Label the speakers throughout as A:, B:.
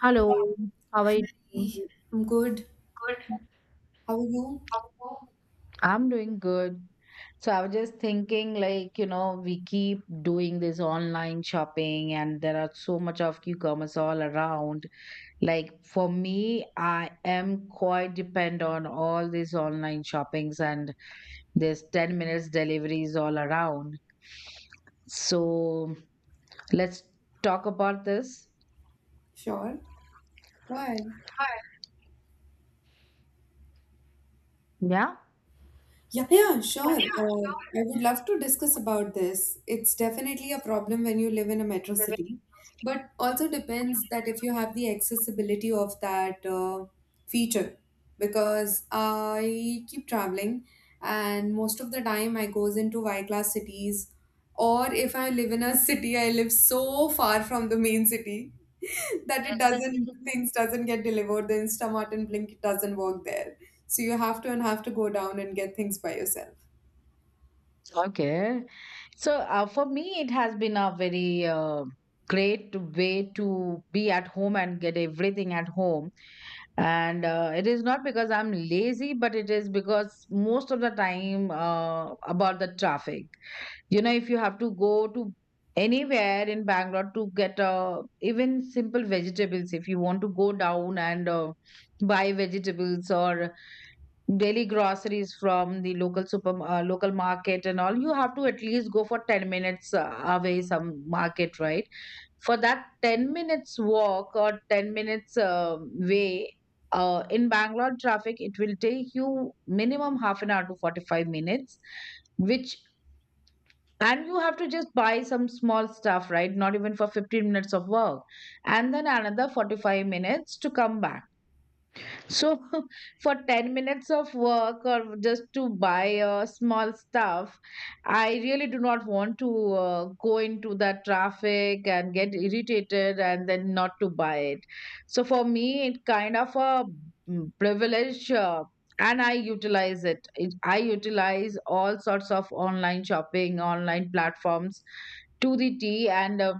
A: Hello, how are you doing?
B: Hey, I'm good. How are you?
A: I'm doing good. So I was just thinking, like, you know, we keep doing this online shopping and there are so much of cucumbers all around. Like for me, I am quite depend on all these online shoppings and there's 10 minutes deliveries all around. So let's talk about this.
B: Sure. Go ahead.
A: Yeah?
B: Yeah, yeah, sure. I would love to discuss about this. It's definitely a problem when you live in a metro city, but also depends that if you have the accessibility of that feature, because I keep traveling, and most of the time I goes into Y-class cities, or if I live in a city, I live so far from the main city that it doesn't things doesn't get delivered, the instamart and blink doesn't work there, so you have to go down and get things by yourself.
A: Okay. So for me, it has been a very great way to be at home and get everything at home. And it is not because I'm lazy, but it is because most of the time about the traffic. You know, if you have to go to anywhere in Bangalore to get even simple vegetables, if you want to go down and buy vegetables or daily groceries from the local super local market and all, you have to at least go for 10 minutes away some market, right? For that 10 minutes walk or 10 minutes way in Bangalore traffic, it will take you minimum half an hour to 45 minutes, which and you have to just buy some small stuff, right? Not even for 15 minutes of work, and then another 45 minutes to come back. So, for 10 minutes of work or just to buy small stuff, I really do not want to go into that traffic and get irritated and then not to buy it. So, for me, it kind of a privilege. And I utilize it. I utilize all sorts of online shopping, online platforms to the T. And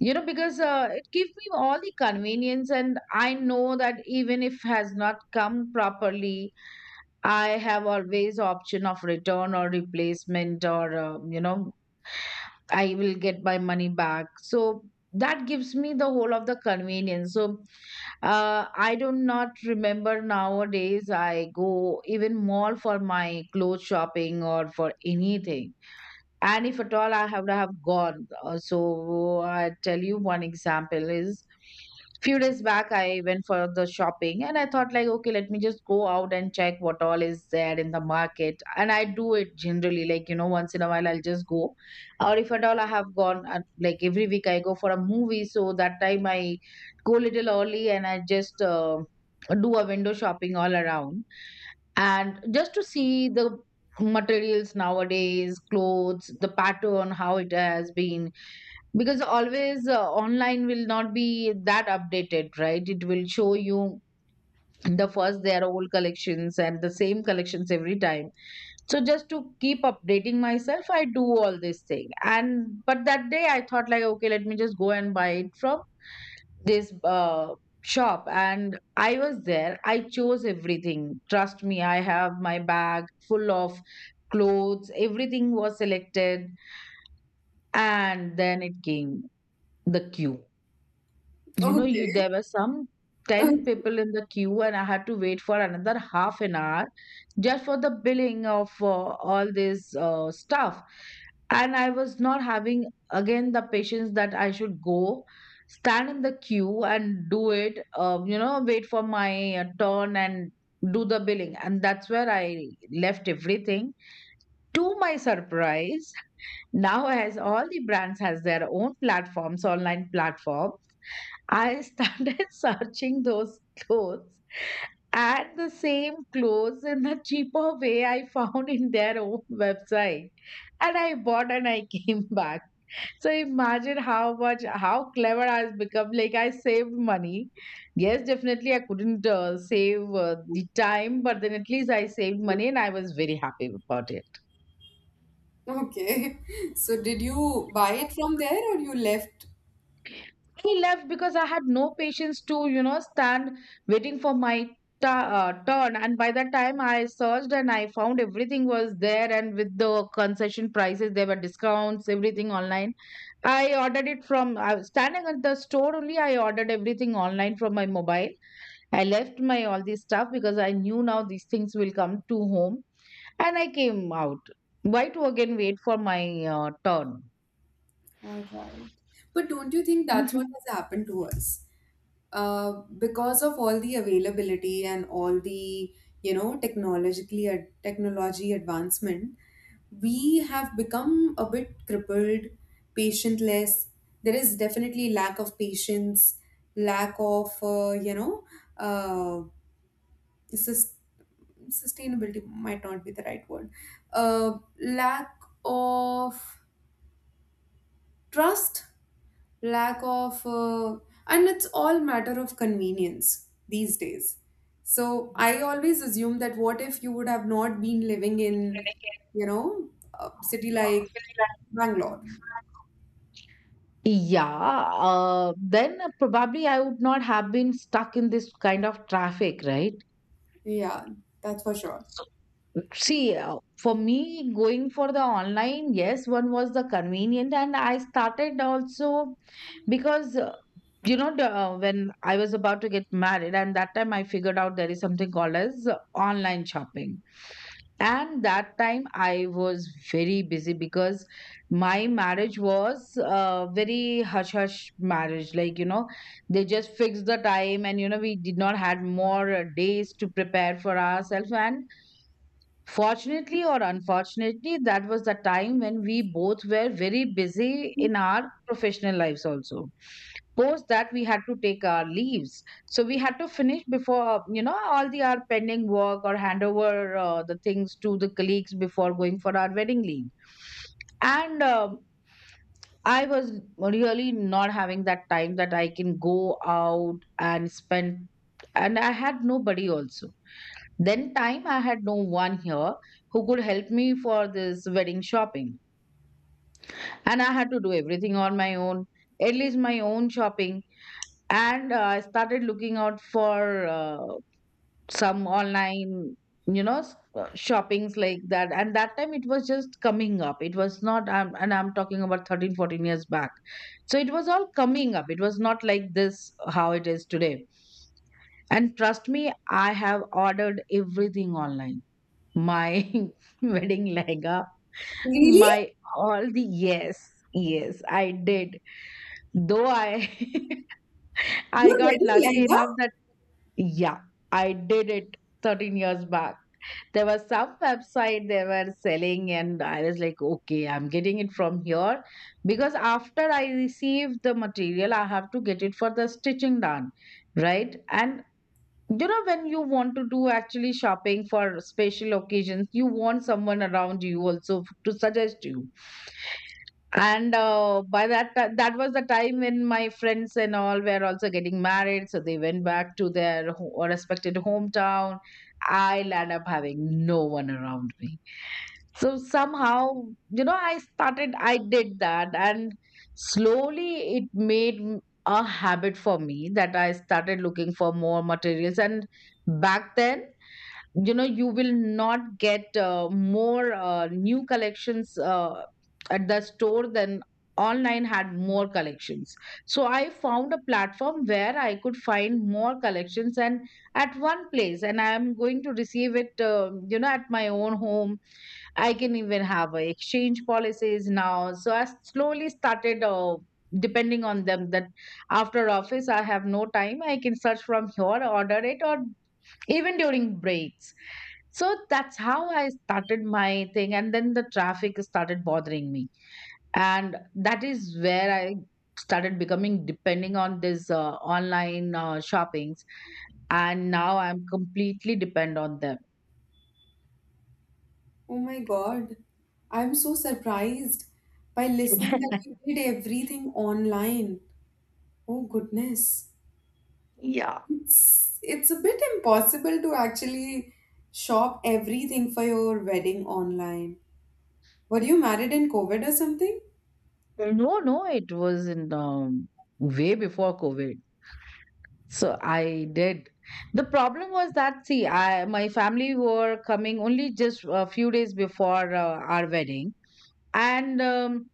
A: you know, because it gives me all the convenience, and I know that even if has not come properly, I have always option of return or replacement, or you know, I will get my money back. So that gives me the whole of the convenience. So I do not remember nowadays. I go even mall for my clothes shopping or for anything. And if at all I have to have gone, so I tell you, one example is, few days back I went for the shopping and I thought, like, okay, let me just go out and check what all is there in the market. And I do it generally, like, you know, once in a while, I'll just go. Or if at all I have gone, like every week I go for a movie, so that time I go little early and I just do a window shopping all around, and just to see the materials nowadays, clothes, the pattern, how it has been. Because always online will not be that updated, right? It will show you the first their old collections and the same collections every time. So just to keep updating myself, I do all this thing. And but that day, I thought, like, okay, let me just go and buy it from this shop. And I was there, I chose everything, trust me, I have my bag full of clothes, everything was selected. And then it came, the queue. You know, you there
B: Okay.
A: were some
B: okay
A: 10 people in the queue, and I had to wait for another half an hour just for the billing of all this stuff. And I was not having again the patience that I should go stand in the queue and do it, you know, wait for my turn and do the billing. And that's where I left everything. To my surprise, now as all the brands has their own platforms, online platform, I started searching those clothes, and the same clothes in the cheaper way I found in their own website. And I bought and I came back. So imagine how much, how clever I've become. Like, I saved money. Yes, definitely I couldn't save the time, but then at least I saved money and I was very happy about it.
B: okay. So did you buy it from there or you left?
A: He left because I had no patience to, you know, stand waiting for my ta turn. And by the time, I searched and I found everything was there. And with the concession prices, there were discounts, everything online. I ordered it from, I was standing at the store only. I ordered everything online from my mobile. I left my all this stuff because I knew now these things will come to home. And I came out. Why to again wait for my turn?
B: All right, but don't you think that's what has happened to us? Because of all the availability and all the, you know, technology advancement, we have become a bit crippled, patientless. There is definitely lack of patience, lack of you know, uh, sus- sustainability might not be the right word. Lack of trust, lack of and it's all matter of convenience these days. So I always assume that, what if you would have not been living in, you know, a city like Bangalore?
A: Yeah, then probably I would not have been stuck in this kind of traffic, right?
B: Yeah, that's for sure.
A: See, for me, going for the online, yes, one was the convenient, and I started also because, you know, the, when I was about to get married, and that time I figured out there is something called as online shopping. And that time I was very busy because my marriage was a very hush hush marriage, like, you know, they just fixed the time, and, you know, we did not had more days to prepare for ourselves. And fortunately or unfortunately, that was the time when we both were very busy in our professional lives also. Post that, we had to take our leaves. So we had to finish before, you know, all the our pending work or hand over the things to the colleagues before going for our wedding leave. And I was really not having that time that I can go out and spend, and I had nobody also, then time I had no one here who could help me for this wedding shopping. And I had to do everything on my own, at least my own shopping. And I started looking out for some online, you know, shoppings like that. And that time it was just coming up. It was not, and I'm talking about 13, 14 years back. So it was all coming up. It was not like this, how it is today. And trust me, I have ordered everything online, my wedding lehenga,
B: Really?
A: my all the yes, yes, I did. Though I I
B: You're
A: got
B: ready
A: lucky
B: lehenga.
A: enough that, yeah, I did it 13 years back. There was some website they were selling, and I was like, okay, I'm getting it from here, because after I receive the material, I have to get it for the stitching done, right? And you know, when you want to do actually shopping for special occasions, you want someone around you also to suggest you. And by that that was the time when my friends and all were also getting married, so they went back to their respected hometown. I land up having no one around me. So somehow, you know, I did that. And slowly it made a habit for me that I started looking for more materials. And back then, you know, you will not get more new collections at the store, than online had more collections. So I found a platform where I could find more collections and at one place, and I am going to receive it you know, at my own home. I can even have a exchange policies now. So I slowly started depending on them, that after office I have no time, I can search from here, order it, or even during breaks. So that's how I started my thing. And then the traffic started bothering me. And that is where I started becoming depending on this online shoppings. And now I'm completely depend on them.
B: Oh my god, I'm so surprised by listening that you did everything online. Oh goodness.
A: Yeah.
B: It's a bit impossible to actually shop everything for your wedding online. Were you married in COVID or something?
A: No, no, it was in way before COVID. So I did. The problem was that, see, I my family were coming only just a few days before our wedding, and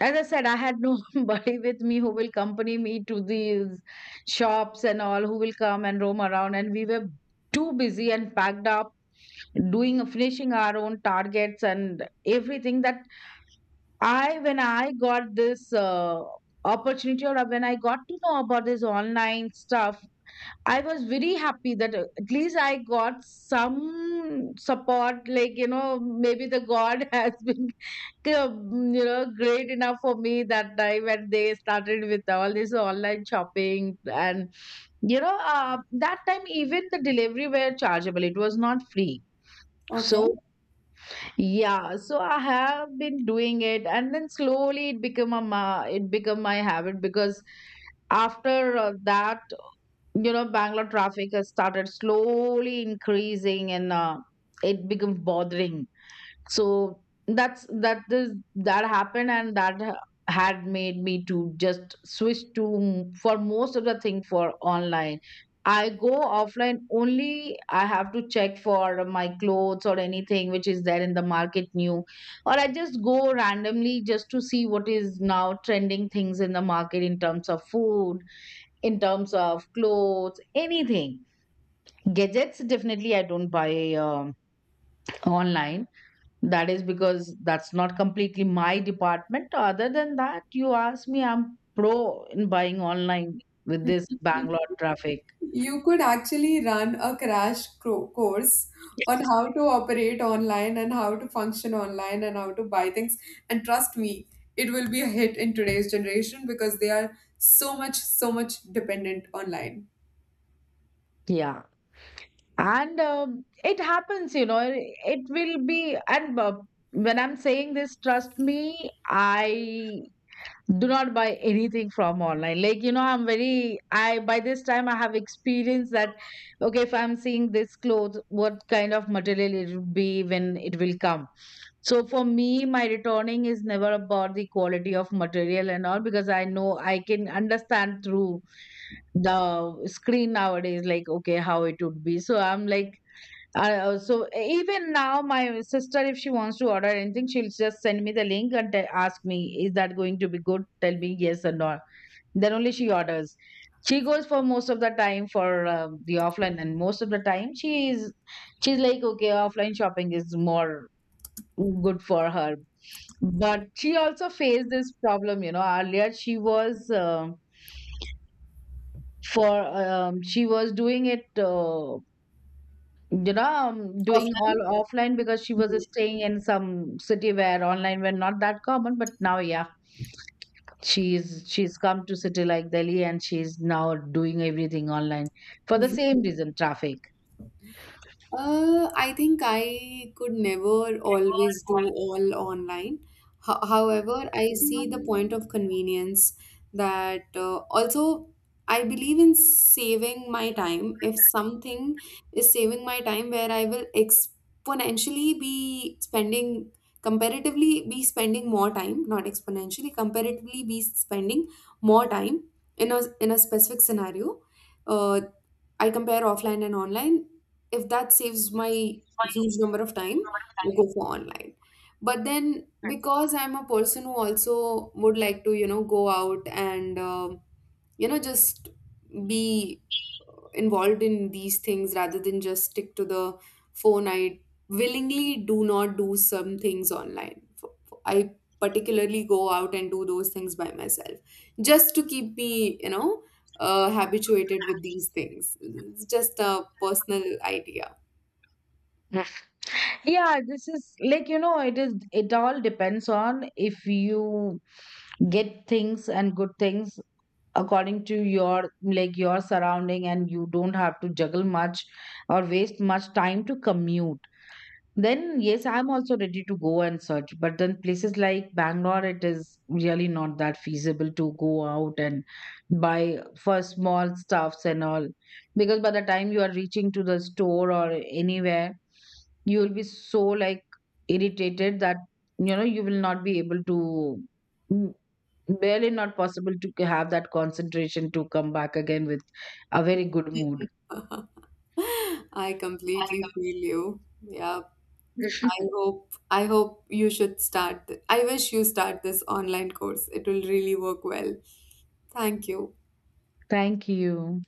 A: as I said, I had nobody with me who will accompany me to these shops and all, who will come and roam around. And we were too busy and packed up doing finishing our own targets and everything, that I, when I got this opportunity or when I got to know about this online stuff, I was very happy that at least I got some support. Like, you know, maybe the God has been you know, great enough for me that time when they started with all this online shopping. And you know, that time even the delivery were chargeable, it was not free. So
B: Okay.
A: yeah, so I have been doing it, and then slowly it become a it become my habit. Because after that, you know, Bangalore traffic has started slowly increasing, and it became bothering. So that happened. And that had made me to just switch to for most of the thing for online. I go offline only I have to check for my clothes or anything which is there in the market new, or I just go randomly just to see what is now trending things in the market, in terms of food, in terms of clothes, anything. Gadgets, definitely I don't buy um, online. That is because that's not completely my department. Other than that, you ask me, I'm pro in buying online with this Bangalore traffic.
B: You could actually run a crash course on how to operate online and how to function online and how to buy things. And trust me, it will be a hit in today's generation because they are so much, so much dependent online.
A: Yeah. And it happens, you know, it, will be. And when I'm saying this, trust me, I do not buy anything from online, like, you know, I'm very, I by this time I have experienced that, okay, if I'm seeing this clothes, what kind of material it will be when it will come. So for me, my returning is never about the quality of material and all, because I know I can understand through the screen nowadays, like, okay, how it would be. So I'm like, I also even now my sister, if she wants to order anything, she'll just send me the link and ask me, is that going to be good, tell me yes or no, then only she orders. She goes for most of the time for the offline. And most of the time she's like, okay, offline shopping is more good for her. But she also faced this problem. You know, earlier she was for she was doing it you know, doing all offline, because she was staying in some city where online were not that common. But now, yeah, she's come to city like Delhi, and she's now doing everything online for the
B: Offline.
A: same reason, traffic.
B: I think I could never always do all online. Ho However, I see the point of convenience that also I believe in saving my time. If something is saving my time where I will exponentially be spending, comparatively be spending more time, not exponentially, comparatively be spending more time in a specific scenario. Uh, I compare offline and online. If that saves my huge number of time, I go for online. But then, because I'm a person who also would like to, you know, go out and, you know, just be involved in these things rather than just stick to the phone, I willingly do not do some things online. I particularly go out and do those things by myself just to keep me, you know, habituated with these things. It's just a personal idea.
A: Yeah, this is like, you know, it is, it all depends on if you get things and good things according to your like your surrounding, and you don't have to juggle much or waste much time to commute. Then, yes, I'm also ready to go and search. But then places like Bangalore, it is really not that feasible to go out and buy for small stuffs and all. Because by the time you are reaching to the store or anywhere, you will be so like irritated that, you know, you will not be able to mm, barely not possible to have that concentration to come back again with a very good mood.
B: I completely feel you, yeah. i hope i hope you should I wish you start this online course. It will really work well. Thank you.
A: Thank you.